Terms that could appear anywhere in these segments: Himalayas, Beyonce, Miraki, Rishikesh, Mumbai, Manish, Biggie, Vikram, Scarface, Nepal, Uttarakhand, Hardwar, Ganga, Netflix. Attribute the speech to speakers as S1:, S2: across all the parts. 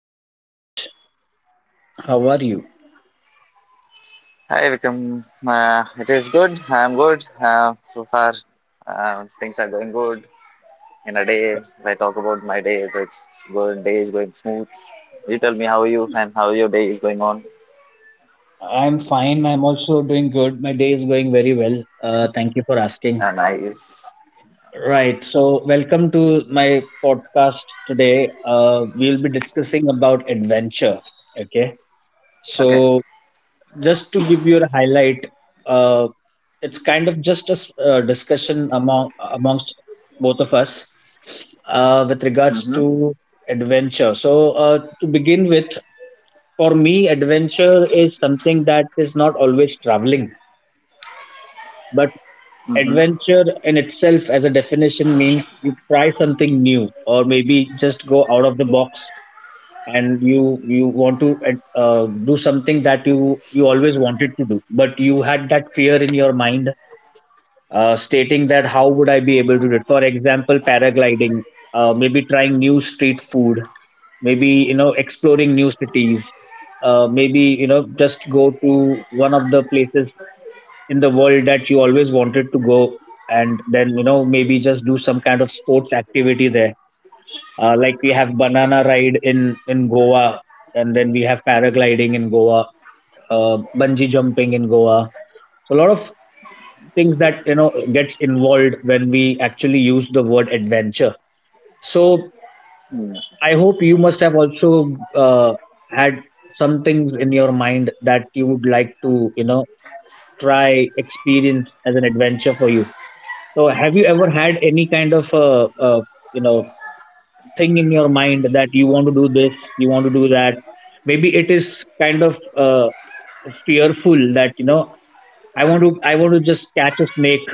S1: Hi Manish, how are you?
S2: Hi, Vikram. It is good. I'm good. So far, things are going good. In a day, if I talk about my day, it's good. Day is going smooth. You tell me how are you and how your day is going on.
S1: I'm fine. I'm also doing good. My day is going very well. Thank you for asking.
S2: Nice.
S1: Right. So, welcome to my podcast today. We'll be discussing about adventure. Okay.
S2: Okay.
S1: So, just to give you a highlight, uh, it's kind of just a discussion amongst both of us, with regards
S2: Mm-hmm.
S1: to adventure. So, to begin with, for me, adventure is something that is not always traveling, but
S2: Mm-hmm.
S1: adventure in itself, as a definition, means you try something new, or maybe just go out of the box, and you want to do something that you always wanted to do, but you had that fear in your mind, stating that how would I be able to do it? For example, paragliding, maybe trying new street food, maybe exploring new cities, maybe just go to one of the places in the world that you always wanted to go, and then maybe just do some kind of sports activity there, like we have banana ride in Goa, and then we have paragliding in Goa, uh, bungee jumping in Goa. So a lot of things that gets involved when we actually use the word adventure. So
S2: Mm.
S1: I hope you must have also had some things in your mind that you would like to, try experience as an adventure for you. So, have you ever had any kind of, you know, thing in your mind that you want to do this, you want to do that? Maybe it is kind of fearful that I want to just catch a snake,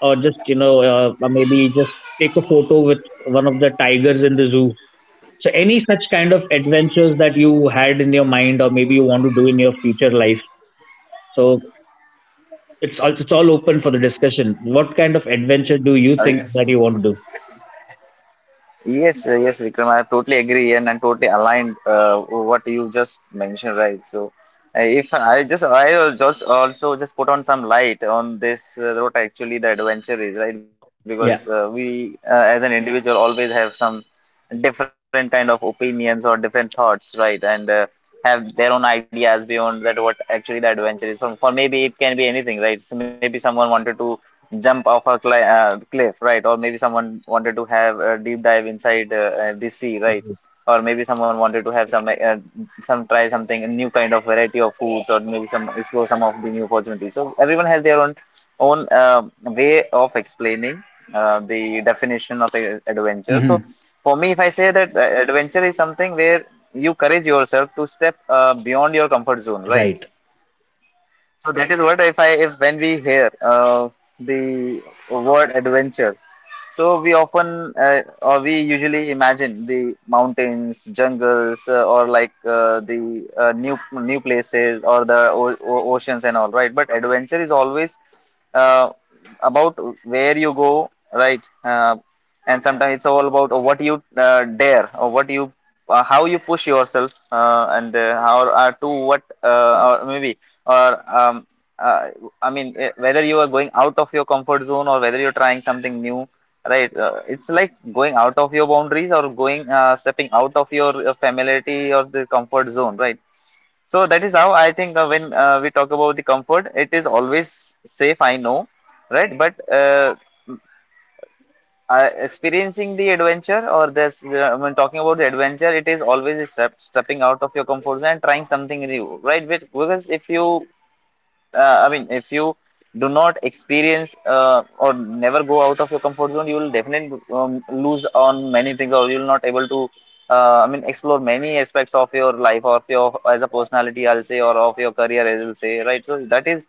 S1: or just maybe just take a photo with one of the tigers in the zoo. So any such kind of adventures that you had in your mind or maybe you want to do in your future life. So it's all open for the discussion. What kind of adventure do you think that
S2: Nice.
S1: you want to do?
S2: Yes, Vikram, I totally agree and I'm totally aligned what you just mentioned, right? So, if I just I al- just also just put on some light on this, what actually the adventure is, right? Because uh,
S1: Yeah.
S2: we uh, as an individual always have some different kind of opinions or different thoughts, right? And have their own ideas beyond that what actually the adventure is. For maybe it can be anything, right? So maybe someone wanted to jump off a cliff, right? Or maybe someone wanted to have a deep dive inside, the sea, right?
S1: Right.
S2: Or maybe someone wanted to have something, a new kind of variety of foods, or maybe some explore some of the new opportunities. So everyone has their own way of explaining the definition of adventure. So
S1: Hmm.
S2: for me, if I say that, adventure is something where you courage yourself to step beyond your comfort zone, right?
S1: Right.
S2: So that is what, if when we hear the word adventure, so we often or we usually imagine the mountains, jungles, or like the new places or the oceans and all, right? But adventure is always uh, about where you go, right? And sometimes it's all about what you dare, or what you, how you push yourself, and how, to what, or maybe, or uh, I mean, whether you are going out of your comfort zone or whether you're trying something new, right? It's like going out of your boundaries or going, stepping out of your familiarity or the comfort zone, right? So that is how I think, when we talk about the comfort, it is always safe. I know, right? But, experiencing the adventure, or this, when talking about the adventure, it is always stepping out of your comfort zone and trying something new, right? Because if you, I mean, if you do not experience or never go out of your comfort zone, you will definitely lose on many things, or you'll not able to, I mean, explore many aspects of your life or of your as a personality, I'll say, or of your career, I will say, right? So that is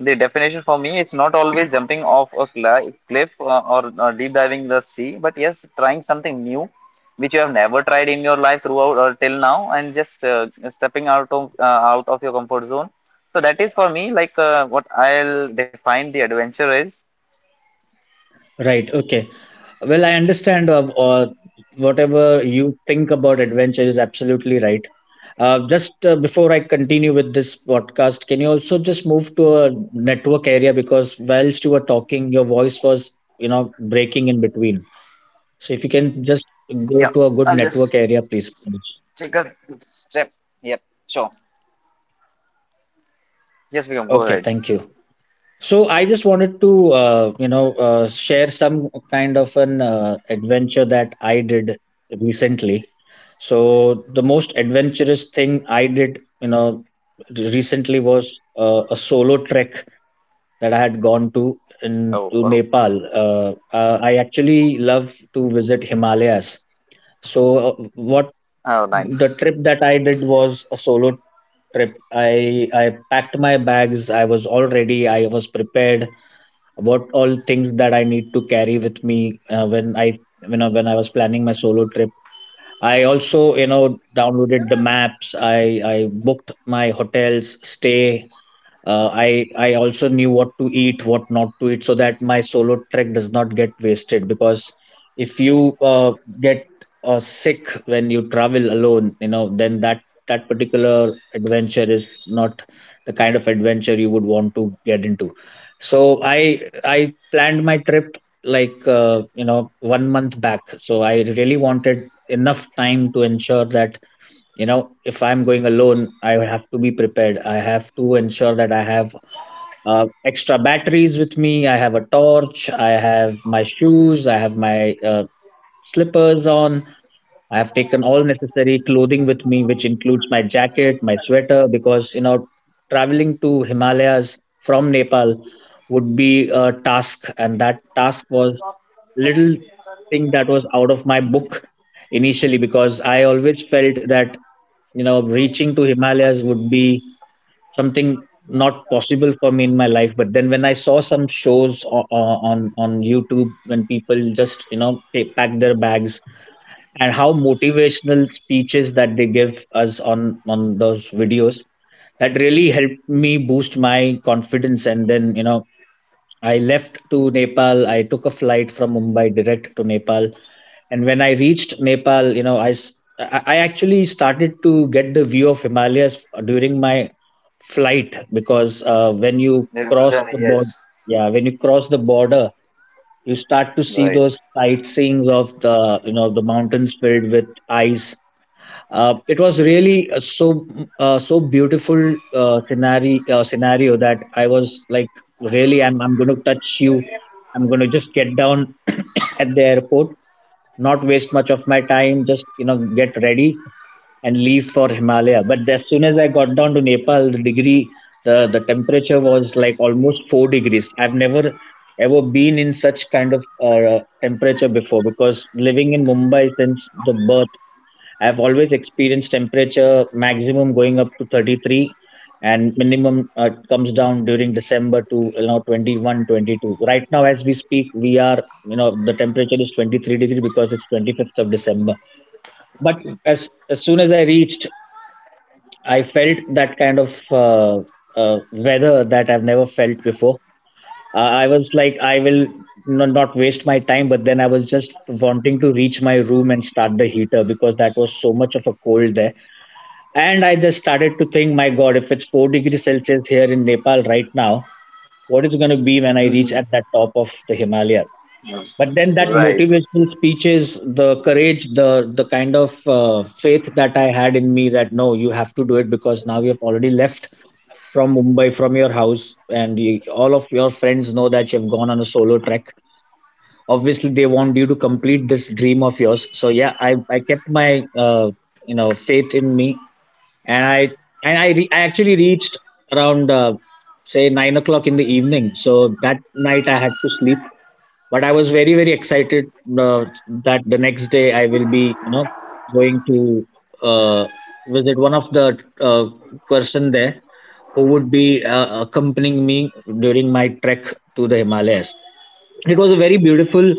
S2: the definition for me. It's not always jumping off a cliff, or deep diving the sea, but yes, trying something new. Which you have never tried in your life throughout or till now, and just stepping out of your comfort zone, so that is for me like, what I'll define the adventure is.
S1: Right. Okay. Well, I understand, whatever you think about adventure is absolutely right. Just before I continue with this podcast, can you also just move to a network area, because whilst you were talking, your voice was, you know, breaking in between. So if you can just go
S2: Yeah,
S1: to a good
S2: I'll just
S1: network area, please.
S2: take a step. Yep, sure. Yes, we can go
S1: Okay,
S2: ahead.
S1: thank you. So I just wanted to, share some kind of an adventure that I did recently. So the most adventurous thing I did, recently was a solo trek that I had gone to in
S2: Oh,
S1: to
S2: well.
S1: Nepal. I actually love to visit Himalayas. So what
S2: Oh,
S1: The
S2: nice.
S1: trip that I did was a solo trip. I packed my bags. I was all ready. I was prepared. What all things that I need to carry with me, when I, when I was planning my solo trip. I also, downloaded the maps. I booked my hotels stay, I also knew what to eat what not to eat, so that my solo trek does not get wasted, because if you get sick when you travel alone, then that particular adventure is not the kind of adventure you would want to get into. So I planned my trip, like, you know, 1 month back. So I really wanted enough time to ensure that, you know, if I'm going alone, I have to be prepared. I have to ensure that I have extra batteries with me, I have a torch, I have my shoes, I have my slippers on, I have taken all necessary clothing with me, which includes my jacket, my sweater, because, you know, traveling to Himalayas from Nepal would be a task. And that task was little thing that was out of my book initially, because I always felt that, reaching to Himalayas would be something not possible for me in my life. But then when I saw some shows on on YouTube, when people just, they pack their bags, and how motivational speeches that they give us on those videos, that really helped me boost my confidence. And then, I left to Nepal. I took a flight from Mumbai direct to Nepal. And when I reached Nepal, you know I s- I actually started to get the view of Himalayas during my flight, because when you cross the
S2: Little
S1: border,
S2: journey,
S1: yeah,
S2: yes.
S1: when you cross the border, you start to see those
S2: Right.
S1: sightseeing of the, the mountains filled with ice. It was really, so, so beautiful, scenario, scenario, that I was like, really, I'm going to touch you, I'm going to just get down at the airport, not waste much of my time, just, get ready and leave for Himalaya. But as soon as I got down to Nepal, the degree, the temperature was like almost 4 degrees. I've never ever been in such kind of temperature before, because living in Mumbai since the birth, I've always experienced temperature maximum going up to 33, and minimum, comes down during December to, you know, 21, 22. Right now as we speak, we are, you know, the temperature is 23 degree, because it's 25th of December. But as soon as I reached, I felt that kind of weather that I've never felt before. I was like I will no, not waste my time, but then I was just wanting to reach my room and start the heater, because that was so much of a cold there. And I just started to think, my God, if it's 4 degrees Celsius here in Nepal right now, what is it going to be when I reach at that
S2: Hmm.
S1: top of the Himalaya? But then that motivational
S2: Right.
S1: speeches, the courage, the kind of faith that I had in me, that no, you have to do it, because now you have already left from Mumbai, from your house, and you, all of your friends know that you've gone on a solo trek. Obviously, they want you to complete this dream of yours. So yeah, I kept my, you know, faith in me, and I actually reached around, say, 9 o'clock in the evening. So that night I had to sleep, but I was very very excited, uh, that the next day I will be, you know, going to, uh, visit one of the, person there who would be accompanying me during my trek to the Himalayas. It was a very beautiful,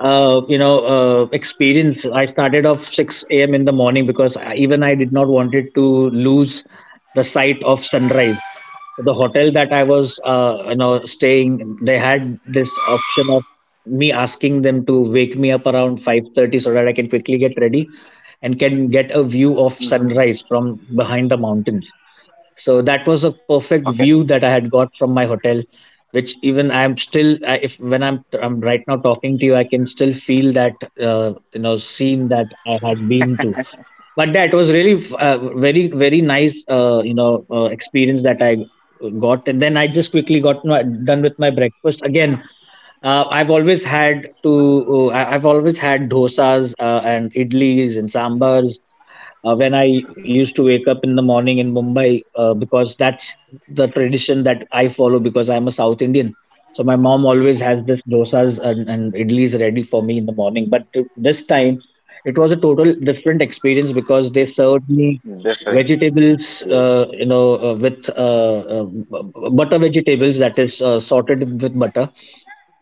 S1: experience. I started off 6 a.m. in the morning, because I, even I did not wanted to lose the site of sunrise. The hotel that I was, staying, they had this option of me asking them to wake me up around 5:30, so that I can quickly get ready and can get a view of
S2: Hmm.
S1: sunrise from behind the mountains. So that was a
S2: Okay.
S1: perfect view that I had got from my hotel, which even I'm still, I- if when I'm right now talking to you, I can still feel that, you know, scene that I had been to. But that was really, very very nice, experience that I got. And then I just quickly got my, done with my breakfast again. uh, i've always had to I've always had dosas and idlis and sambars, when I used to wake up in the morning in Mumbai, because that's the tradition that I follow, because I'm a South Indian. So my mom always has this dosas and idlis ready for me in the morning. But this time, it was a total different experience, because they served me
S2: Different. Yes.
S1: vegetables, with butter vegetables that is sorted with butter,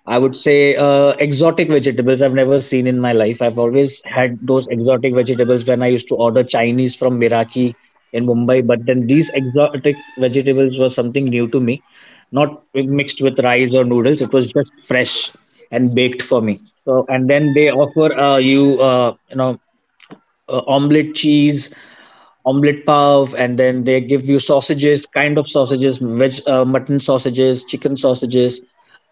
S1: I would say, exotic vegetables I've never seen in my life. I've always had those exotic vegetables when I used to order Chinese from Miraki in Mumbai, but then these exotic vegetables were something new to me, not mixed with rice or noodles. It was just fresh and baked for me. So, and then they offer, omelette cheese, omelette pav, and then they give you sausages, kind of sausages, veg, mutton sausages, chicken sausages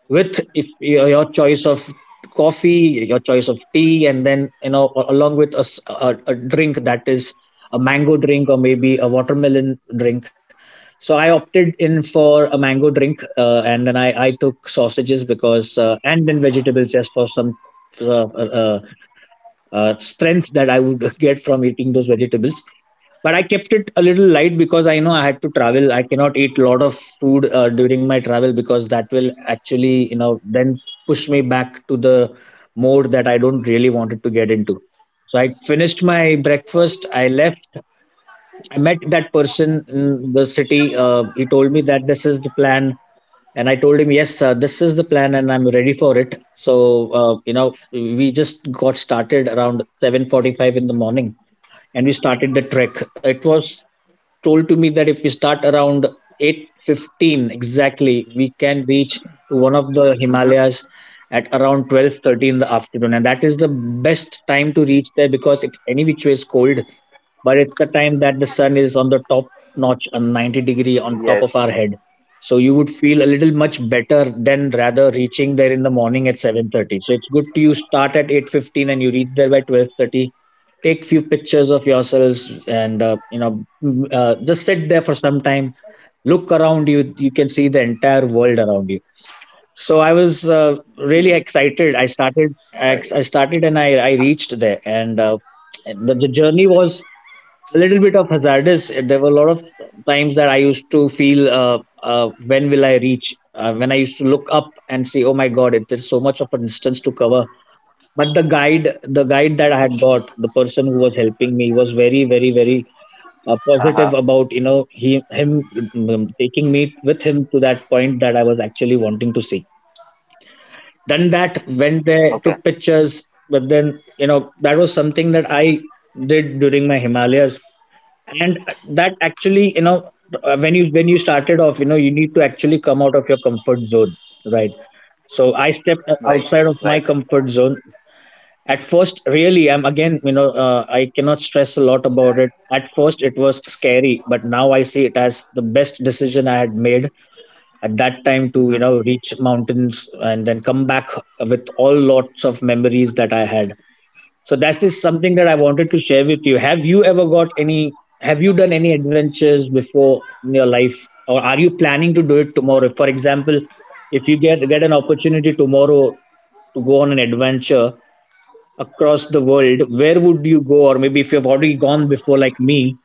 S1: with it, your choice of coffee, your choice of tea, and then, along with a drink that is a mango drink or maybe a watermelon drink. So I opted in for a mango drink, and then I took sausages because and then vegetables just for some. Uh, uh, uh, Strength that I would get from eating those vegetables, but I kept it a little light because I know I had to travel. I cannot eat a lot of food during my travel because that will actually you know then push me back to the mode that I don't really wanted to get into. So I finished my breakfast. I left. I met that person in the city. He told me that this is the plan, and I told him, "Yes sir, this is the plan and I'm ready for it." So uh, you know we just got started around 7:45 in the morning, and we started the trek. It was told to me that if we start around 8:15 exactly, we can reach to one of
S2: Hmm.
S1: the Himalayas at around 12:30 in the afternoon, and that is the best time to reach there because it's any which way is cold, but it's the time that the sun is on the top notch and 90 degree on
S2: Yes.
S1: top of our head. So you would feel a little much better than rather reaching there in the morning at 7:30. So it's good to you start at 8:15 and you reach there by 12:30, take few pictures of yourselves, and just sit there for some time. Look around you. You can see the entire world around you. So I was really excited. I started and I reached there, and the journey was a little bit of hazardous. There were a lot of times that I used to feel when will I reach. When I used to look up and say, "Oh my god, it is so much of a distance to cover." But the guide that I had got, the person who was helping me, was very very very
S2: Uh huh.
S1: uh, positive about, you know, he him taking me with him to that point that I was actually wanting to see. Done that,
S2: Okay.
S1: went there, took pictures. But then, you know, that was something that I did during my Himalayas. And that actually, you know, when you started off, you know, you need to actually come out of your comfort zone, right? So I
S2: Right.
S1: stepped
S2: Right.
S1: outside of my comfort zone at first. Really, I'm again, you know, I cannot stress a lot about it. At first it was scary, but now I see it as the best decision I had made at that time to, you
S2: Hmm.
S1: know, reach mountains and then come back with all lots of memories that I had. So that is something that I wanted to share with you. Have you ever got any? Have you done any adventures before in your life, or are you planning to do it tomorrow, for example? If you get an opportunity tomorrow to go on an adventure across the world, where would you go? Or maybe if you've already gone before, like me,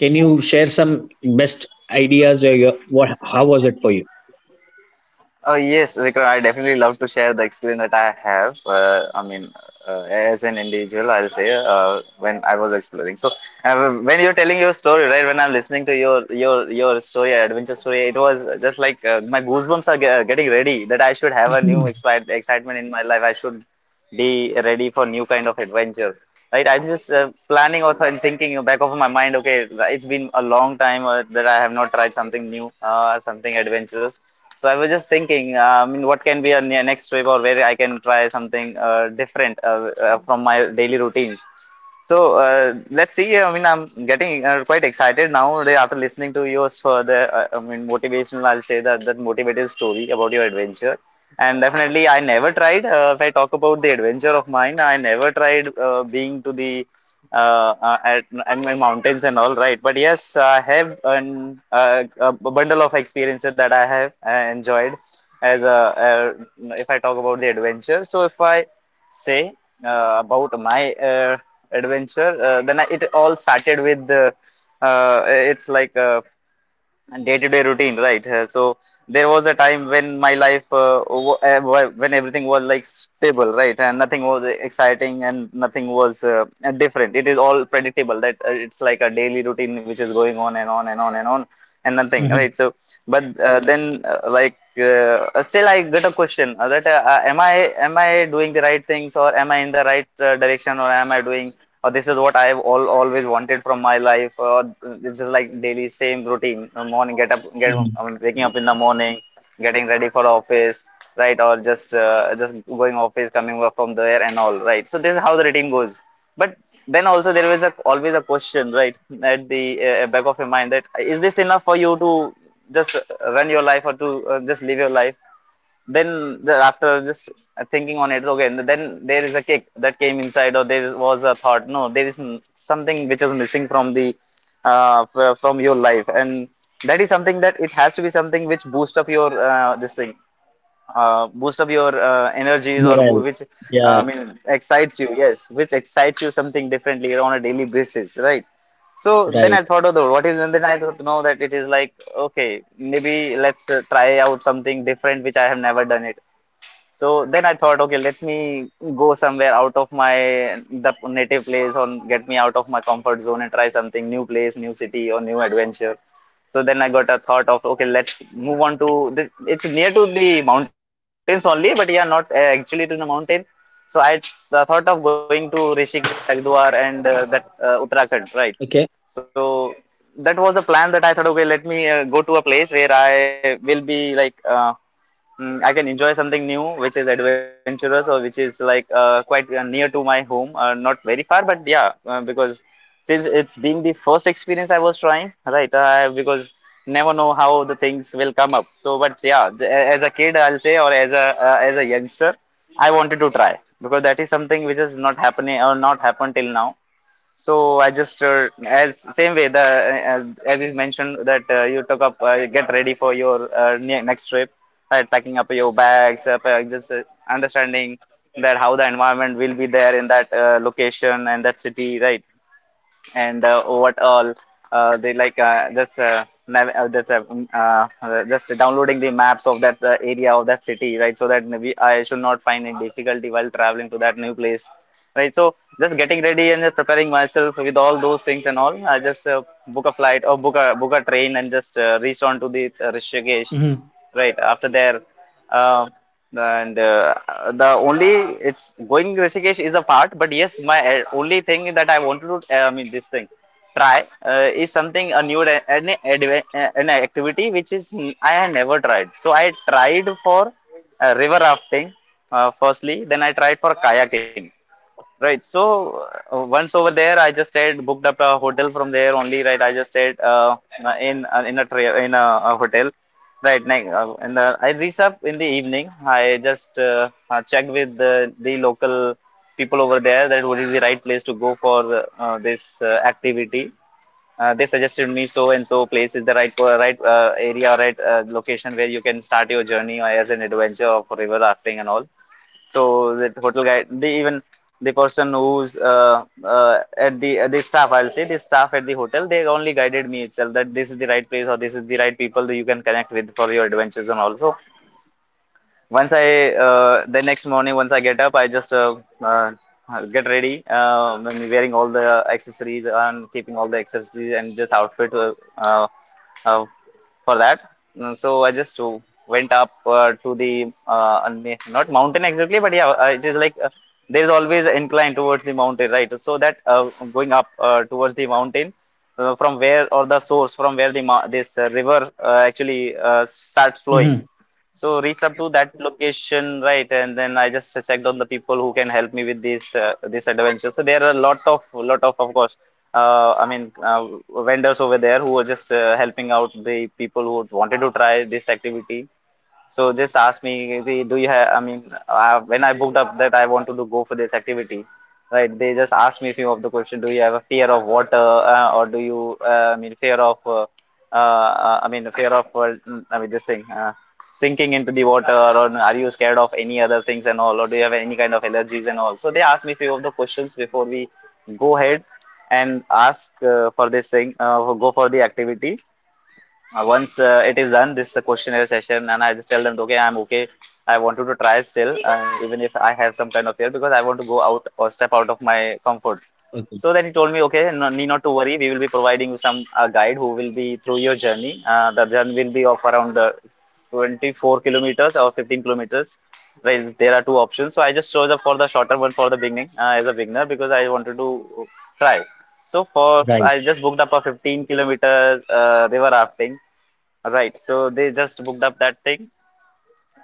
S1: can you share some best ideas? Or your, what? How was it for you?
S2: Oh yes, Vikram, I definitely love to share the experience that I have. I mean, as an individual, I'll say, when I was exploring. So, when you're telling your story, right? When I'm listening to your, your story, adventure story, it was just like, my goosebumps are getting ready that I should have a new
S1: Mhm.
S2: excitement in my life. I should be ready for new kind of adventure, right? I'm just planning or thinking in the back of my mind. Okay, it's been a long time, that I have not tried something new, something adventurous. So I was just thinking, I mean, what can be a next trip, or where I can try something different, from my daily routines. So, uh, let's see, I mean, I'm getting quite excited now after listening to yours, for the, I mean, motivational, I'll say, that motivated story about your adventure. And definitely I never tried, if I talk about the adventure of mine, I never tried being to the, at my mountains and all, right? But yes, I have a bundle of experiences that I have enjoyed. As a, a if I talk about the adventure. So if I say, about my, adventure, it all started with, it's like day-to-day routine, right? So there was a time when my life, when everything was like stable, right, and nothing was exciting and nothing was different. It is all predictable that, it's like a daily routine which is going on and on and on and on, and nothing,
S1: Mhm.
S2: right? So, but then like still I get a question, that, am I doing the right things, or am I in the right direction, or am I doing, or this is what I've always wanted from my life. Or it's just like daily same routine. Morning, get up, get
S1: Mhm.
S2: I mean, waking up in the morning, getting ready for office, right? Or just going office, coming up from there and all, right? So this is how the routine goes. But then also there is a always a question, right, at the back of your mind, that is this enough for you to just run your life, or to, just live your life? Then the, after just thinking on it. Okay, and then there is a kick that came inside, or there was a thought, no, there is something which is missing from the, from your life, and that is something that it has to be something which boost up your this thing, boost up your energies, or
S1: Morale.
S2: which I
S1: Yeah.
S2: mean excites you, yes, which excites you something differently on a daily basis, right? So then
S1: Right.
S2: I thought of the what is, and then I thought, no, that it is like, okay, maybe let's try out something different which I have never done it. So then I thought, okay, let me go somewhere out of my the native place, or get me out of my comfort zone and try something new place, new city or new adventure. So then I got a thought of, okay, let's move on to the, it's near to the mountains only, but yeah, not actually to the mountain. So I, thought of going to Rishikesh, Hardwar, and that, Uttarakhand, right?
S1: Okay.
S2: So that was a plan that I thought, okay, let me go to a place where I will be like, I can enjoy something new, which is adventurous, or which is like quite near to my home, not very far, but yeah, because since it's being the first experience I was trying, right? Because never know how the things will come up. So, but yeah, as a kid, I'll say, or as a, as a youngster, I wanted to try because that is something which has not happening or not happened till now. So I just, as same way the, as you mentioned that, you took up, get ready for your next trip, right? Packing up your bags, just understanding that how the environment will be there in that location and that city, right? And what all, they like, just just downloading the maps of that area of that city, right? So that we, I should not find any difficulty while traveling to that new place, right? So just getting ready and just preparing myself with all those things and all, I just book a flight or book a train, and just reach on to the, Rishikesh,
S1: Hmm.
S2: right? After their, um and the only, it's going, Rishikesh is a part, but yes, my only thing that I wanted to, I mean, this thing try, is something a new an activity which is I had never tried. So I tried for river rafting firstly. Then I tried for kayaking. Right. So once over there, I just stayed booked up a hotel from there only. Right. I just stayed in a hotel. Right. Next, and I reached up in the evening. I just checked with the local people over there that what is the right place to go for this activity. They suggested me so and so place is the right area, location where you can start your journey as an adventure of river rafting and all. So that hotel guide, the even the person who's at the staff, I'll say the staff at the hotel, they only guided me itself that this is the right place or this is the right people that you can connect with for your adventures and also. Once I The next morning, once I get up, I just get ready. I'm wearing all the accessories and keeping all the accessories and just outfit uh, uh, for that. So I just went up to the not mountain exactly, but yeah, it is like there is always an incline towards the mountain, right? So that going up towards the mountain from where or the source from where this river actually starts
S1: Hmm.
S2: flowing. So reached up to that location, right? And then I just checked on the people who can help me with this adventure. So there are a lot of of course, I mean, vendors over there who were just helping out the people who wanted to try this activity. So just ask me, "Hey, do you have? I mean, when I booked up that I want to do, go for this activity, right?" They just asked me few of the question. Do you have a fear of water, or do you? I mean, fear of. I mean, the fear of. I mean, this thing. Sinking into the water, or are you scared of any other things and all, or do you have any kind of allergies and all? So they asked me few of the questions before we go ahead and ask for this thing, go for the activity. Once it is done, this questionnaire session, and I just tell them, okay, I'm okay. I wanted to try still, even if I have some kind of fear, because I want to go out or step out of my comforts.
S1: Okay.
S2: So then he told me, okay, no need not to worry. We will be providing you some guide who will be through your journey. The journey will be of around 24 kilometers or 15 kilometers. Right, there are two options. So I just chose up for the shorter one for the beginning, as a beginner, because I wanted to try. So for
S1: Right.
S2: I just booked up a 15 kilometer river rafting. Right. So they just booked up that thing,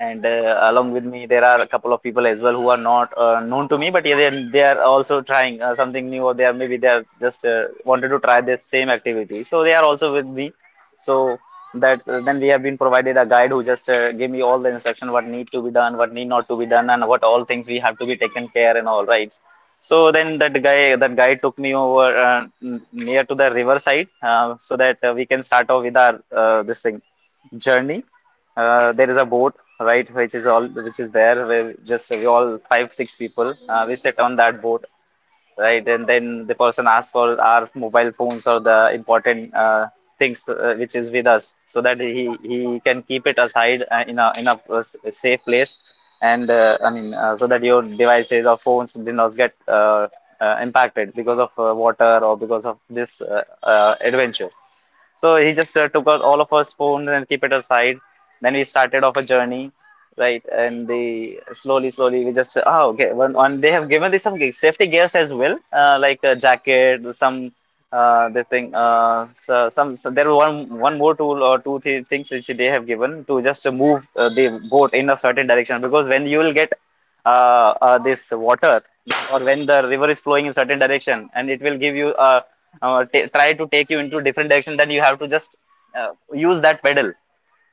S2: and along with me there are a couple of people as well who are not known to me, but yeah, they are also trying something new, or they are, maybe they are just wanted to try the same activity, so they are also with me. So that then we have been provided a guide who just gave me all the instruction: what need to be done, what need not to be done, and what all things we have to be taken care and all right. So then that guy took me over near to the river side, so that we can start off with our this thing journey. There is a boat, right, which is all, which is there, where just we all five six people, we sit on that boat, right. And then the person asks for our mobile phones or the important things which is with us, so that he can keep it aside, in a safe place. And I mean, so that your devices or phones do not get impacted because of water or because of this adventure. So he just took out all of us phones and keep it aside. Then we started off a journey, right? And they slowly, slowly, we just oh, okay. One, they have given this some safety gears as well, like a jacket, some this thing. So there were one more tool or two three things which they have given to just move the boat in a certain direction, because when you will get this water, or when the river is flowing in certain direction and it will give you, try to take you into different direction, then you have to just use that pedal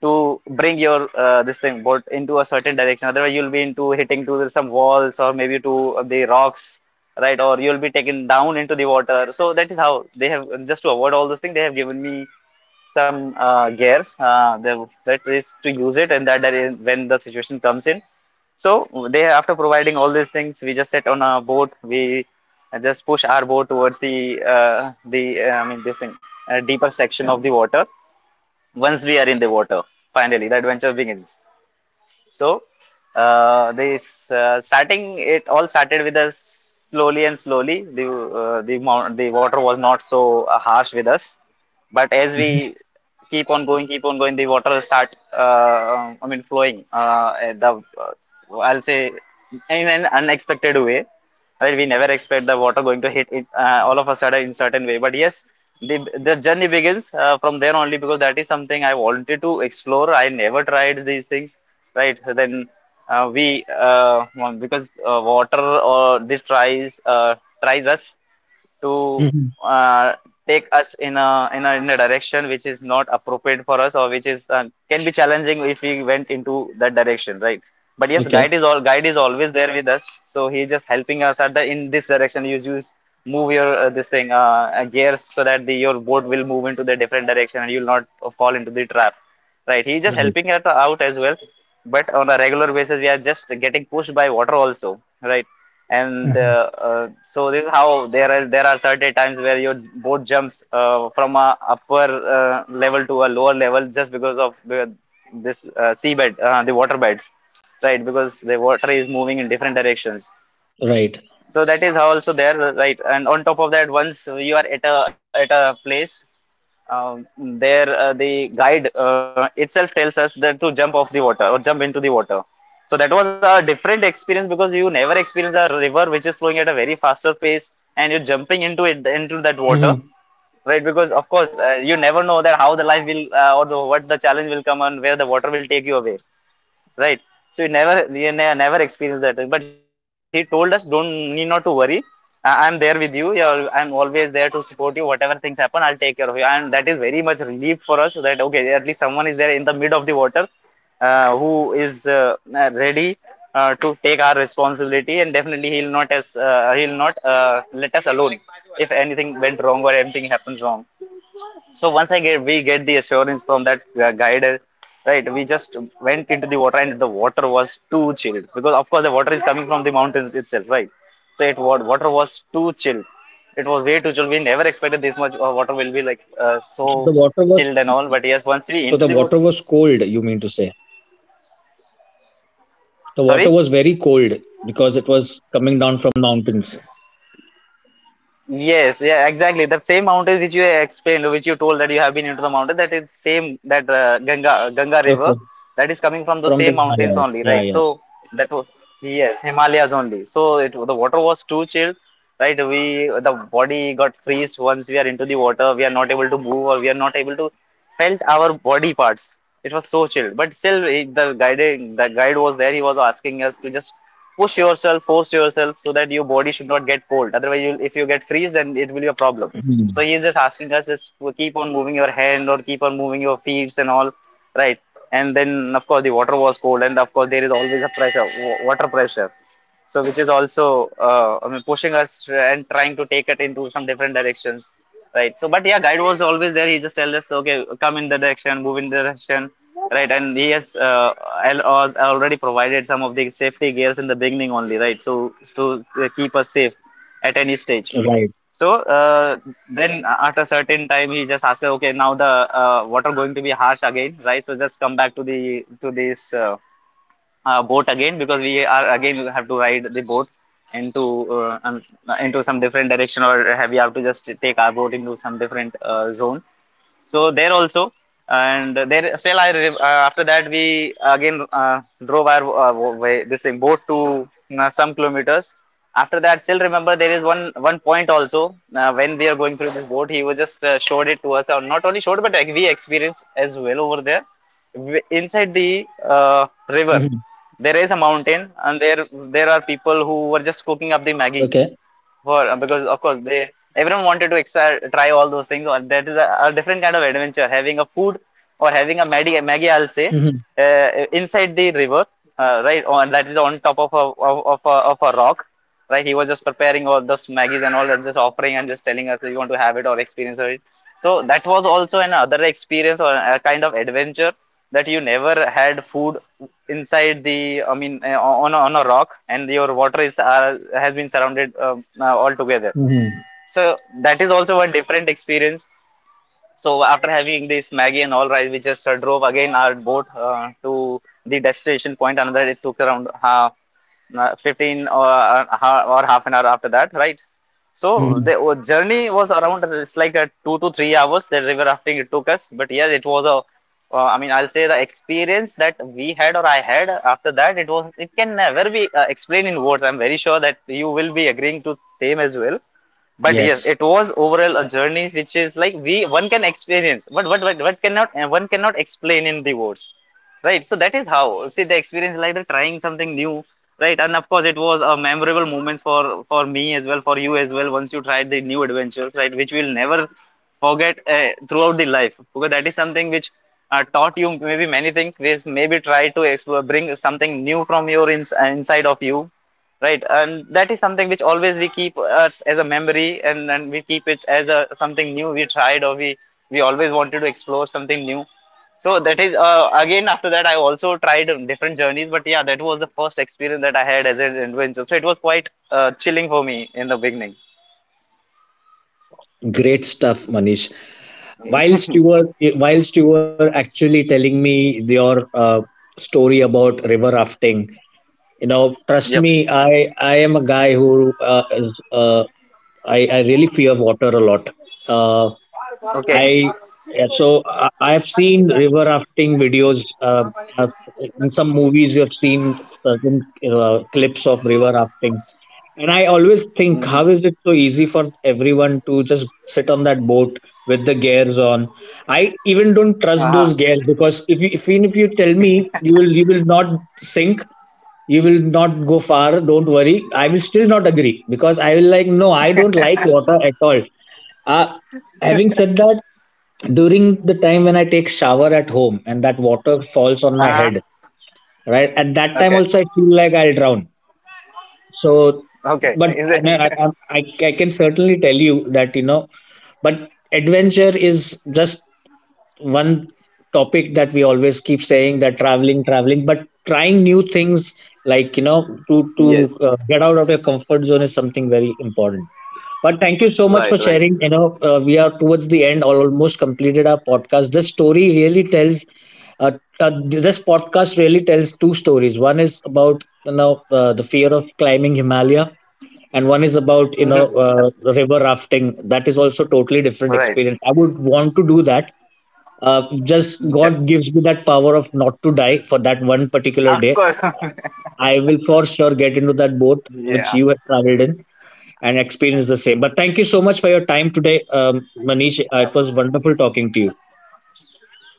S2: to bring your this thing boat into a certain direction. Otherwise, you'll be into hitting to some walls or maybe to the rocks, right? Or you'll be taken down into the water. So that is how they have, just to avoid all those things, they have given me some gears. That is to use it, and when the situation comes in. So they, after providing all these things, we just sit on a boat. We just push our boat towards the I mean this thing, deeper section of the water. Once we are in the water, finally the adventure begins. So this starting, it all started with us slowly and slowly. The water was not so harsh with us, but as
S1: Hmm.
S2: we keep on going, the water start. I mean, flowing. At the I'll say, in an unexpected way. Well, we never expect the water going to hit it, all of a sudden, in certain way. But yes, the the journey begins from there only, because that is something I wanted to explore. I never tried these things right. Then we well, because water or this tries, tries us to,
S1: Hmm.
S2: uh, take us in a direction which is not appropriate for us, or which is, can be challenging if we went into that direction, right. But yes,
S1: Okay.
S2: guide is always there with us, so he's just helping us at the, in this direction, you use, move your this thing gears, so that the your boat will move into the different direction, and you'll not fall into the trap, right. He's just
S1: Right.
S2: helping us out as well. But on a regular basis we are just getting pushed by water also, right. And
S1: Mhm.
S2: so this is how there are certain times where your boat jumps from a upper level to a lower level, just because of this seabed, the water beds, right, because the water is moving in different directions.
S1: Right.
S2: So that is how also there, right. And on top of that, once you are at a place, um, there the guide itself tells us that to jump off the water or jump into the water. So that was a different experience, because you never experience a river which is flowing at a very faster pace and you're jumping into it, into that water,
S1: Hmm.
S2: right. Because of course you never know that how the life will, what the challenge will come, and where the water will take you away, right? So you never we never experienced that. But he told us, don't, need not to worry. I am there with you. I'm always there to support you. Whatever things happen, I'll take care of you. And that is very much relief for us that, okay, at least someone is there in the mid of the water, who is ready to take our responsibility, and definitely he'll not let us alone if anything went wrong or anything happens wrong. So once I get we get the assurance from that guide right. We just went into the water, and the water was too chilled, because of course the water is coming from the mountains itself, right. So water was too chilled. It was way too chilled. We never expected this much water will be like so
S1: So the water was,
S2: chilled and all. But yes, once we
S1: so
S2: into
S1: the
S2: the water,
S1: water was cold. You mean to say the water
S2: sorry.
S1: was very cold because it was coming down from mountains.
S2: Yes, yeah, exactly. That same mountain which you explained, which you told that you have been into the mountain, that is same, that Ganga River,
S1: Okay.
S2: that is coming from the
S1: From the
S2: same mountains
S1: Himalaya.
S2: only,
S1: Yeah.
S2: right?
S1: Yeah.
S2: So that was, yes, Himalayas only. So it the water was too chill, right? We The body got freeze once we are into the water. We are not able to move or we are not able to felt our body parts. It was so chill, but still the guide was there. He was asking us to just push yourself, force yourself so that your body should not get cold. Otherwise, you'll, if you get freeze, then it will be a problem. So
S1: Mhm.
S2: he is just asking us is to keep on moving your hand or keep on moving your feet and all, right? And then of course the water was cold, and of course there is always a pressure, water pressure. So which is also I mean pushing us and trying to take it into some different directions, right? So but yeah, guide was always there. He just tells us, okay, come in the direction, move in the direction. Right, and he has already provided some of the safety gears in the beginning only, right? So to keep us safe at any stage.
S1: Right.
S2: So then at a certain time, he just asked, okay, now the water going to be harsh again, right? So just come back to the to this boat again because we are again we have to ride the boat into uh, um, into some different direction or have we have to just take our boat into some different zone so there also. And there still after that we again drove our way, this thing boat to some kilometers after that. Still remember there is one point also, when we are going through this boat. He was just showed it to us, or not only showed but like, we experienced as well over there. Inside the uh, river
S1: Mhm.
S2: there is a mountain and there are people who were just cooking up the maggies
S1: Okay.
S2: for, because of course they everyone wanted to extra, try all those things. Or that is a different kind of adventure. Having a food or having a Maggie, Maggie I'll say,
S1: Mhm.
S2: inside the river, right? On that is on top of a rock, right? He was just preparing all those Maggies and all that, just offering and just telling us that you want to have it or experience it. So that was also another experience or a kind of adventure that you never had food inside the, I mean, on on a rock and your water is has been surrounded all together.
S1: Mhm.
S2: So that is also one different experience. So after having this Maggie and all, right, we just drove again our boat to the destination point. Another it took around 15 or, or half an hour after that, right? So
S1: Mhm.
S2: the journey was around it's like a 2 to 3 hours. The river rafting it took us, but yes, it was a. I mean, I'll say the experience that we had or I had after that, it was it can never be explained in words. I'm very sure that you will be agreeing to same as well. But yes,
S1: Yes,
S2: it was overall a journey which is like we one can experience but what cannot one cannot explain in the words, right? So that is how, see, the experience like the trying something new, right? And of course it was a memorable moments for me as well, for you as well, once you tried the new adventures, right, which we'll never forget throughout the life, because that is something which taught you maybe many things which maybe try to explore, bring something new from your inside of you, right? And that is something which always we keep us as a memory, and we keep it as a something new we tried, or we always wanted to explore something new. So that is, again, after that I also tried different journeys, but yeah, that was the first experience that I had as an adventure, so it was quite chilling for me in the beginning.
S1: great stuff, Manish. Whilst you were whilst you were actually telling me your story about river rafting, you know, trust
S2: Yep.
S1: me, I am a guy who is, I really fear water a lot. Uh,
S2: Okay.
S1: I Yeah, so I've seen river rafting videos. Uh, in some movies, you have seen certain clips of river rafting. And I always think,
S2: Mhm.
S1: how is it so easy for everyone to just sit on that boat with the gears on? I even don't trust
S2: Uh-huh.
S1: those gears, because if you, if even if you tell me you will, you will not sink, you will not go far, don't worry, I will still not agree, because I will like, no, I don't like water at all. Uh, Having said that, during the time when I take shower at home and that water falls on my
S2: Uh-huh.
S1: head, right at that time
S2: Okay.
S1: also I feel like I'll drown. So,
S2: Okay,
S1: but
S2: is it?
S1: and I can certainly tell you that, you know, but adventure is just one topic that we always keep saying that traveling, traveling, but trying new things, like, you know, to
S2: Yes.
S1: get out of your comfort zone is something very important. But thank you so much
S2: Right,
S1: for
S2: right.
S1: sharing. You know, we are towards the end, almost completed our podcast. Uh, this podcast really tells 2 stories. One is about, you know, the fear of climbing Himalaya, and one is about, you know,
S2: Mhm. Abs-
S1: river rafting. That is also totally different
S2: Right.
S1: experience. I would want to do that. uh, just
S2: Okay.
S1: god gives me that power of not to die for that one particular
S2: Of
S1: day,
S2: course.
S1: I will for sure get into that boat which
S2: Yeah.
S1: you have traveled in and experience the same. But thank you so much for your time today, Manish. It was wonderful talking to you.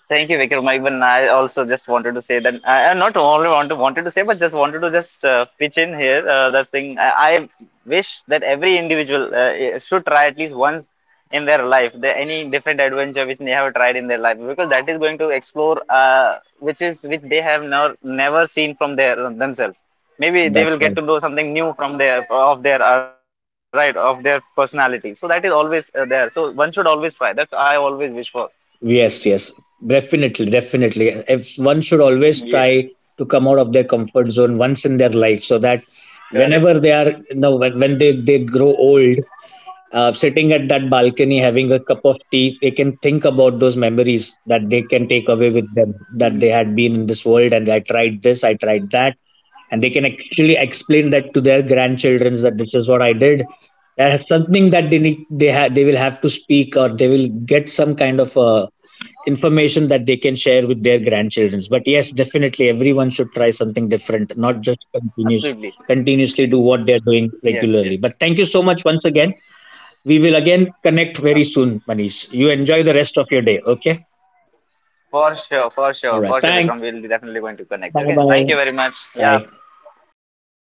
S2: Thank you, Vikram. Even I also just wanted to say that I not only want to wanted to say, but just wanted to just pitch in here. That thing I wish that every individual should try at least once in their life the, any different adventure which they have tried in their life, because that is going to explore which is which they have never never seen from their themselves. Maybe they
S1: That's
S2: will get
S1: right.
S2: to know something new from their of their right of their personality. So that is always there. So one should always try. That's I always wish for.
S1: Yes, yes, definitely, definitely. If one should
S2: Yeah,
S1: always try to come out of their comfort zone once in their life, so that
S2: correct.
S1: whenever they are, you know, when they grow old, sitting at that balcony having a cup of tea, they can think about those memories that they can take away with them, that they had been in this world, and I tried this, I tried that, and they can actually explain that to their grandchildren that this is what I did. That is something that they need. They have. They will have to speak, or they will get some kind of a information that they can share with their grandchildren. But yes, definitely everyone should try something different, not just
S2: Absolutely.
S1: continuously do what they're doing
S2: Yes, yes.
S1: regularly. But thank you so much once again. We will again connect
S2: Uh,
S1: very soon, Manish. You enjoy the rest of your day. Okay.
S2: for sure, for
S1: All
S2: sure,
S1: right.
S2: for sure,
S1: Thanks.
S2: Vikram. We'll definitely going to connect.
S1: Bye
S2: Okay. Thank you
S1: bye.
S2: very much. Yeah.
S1: Bye.
S2: Yeah, bye bye.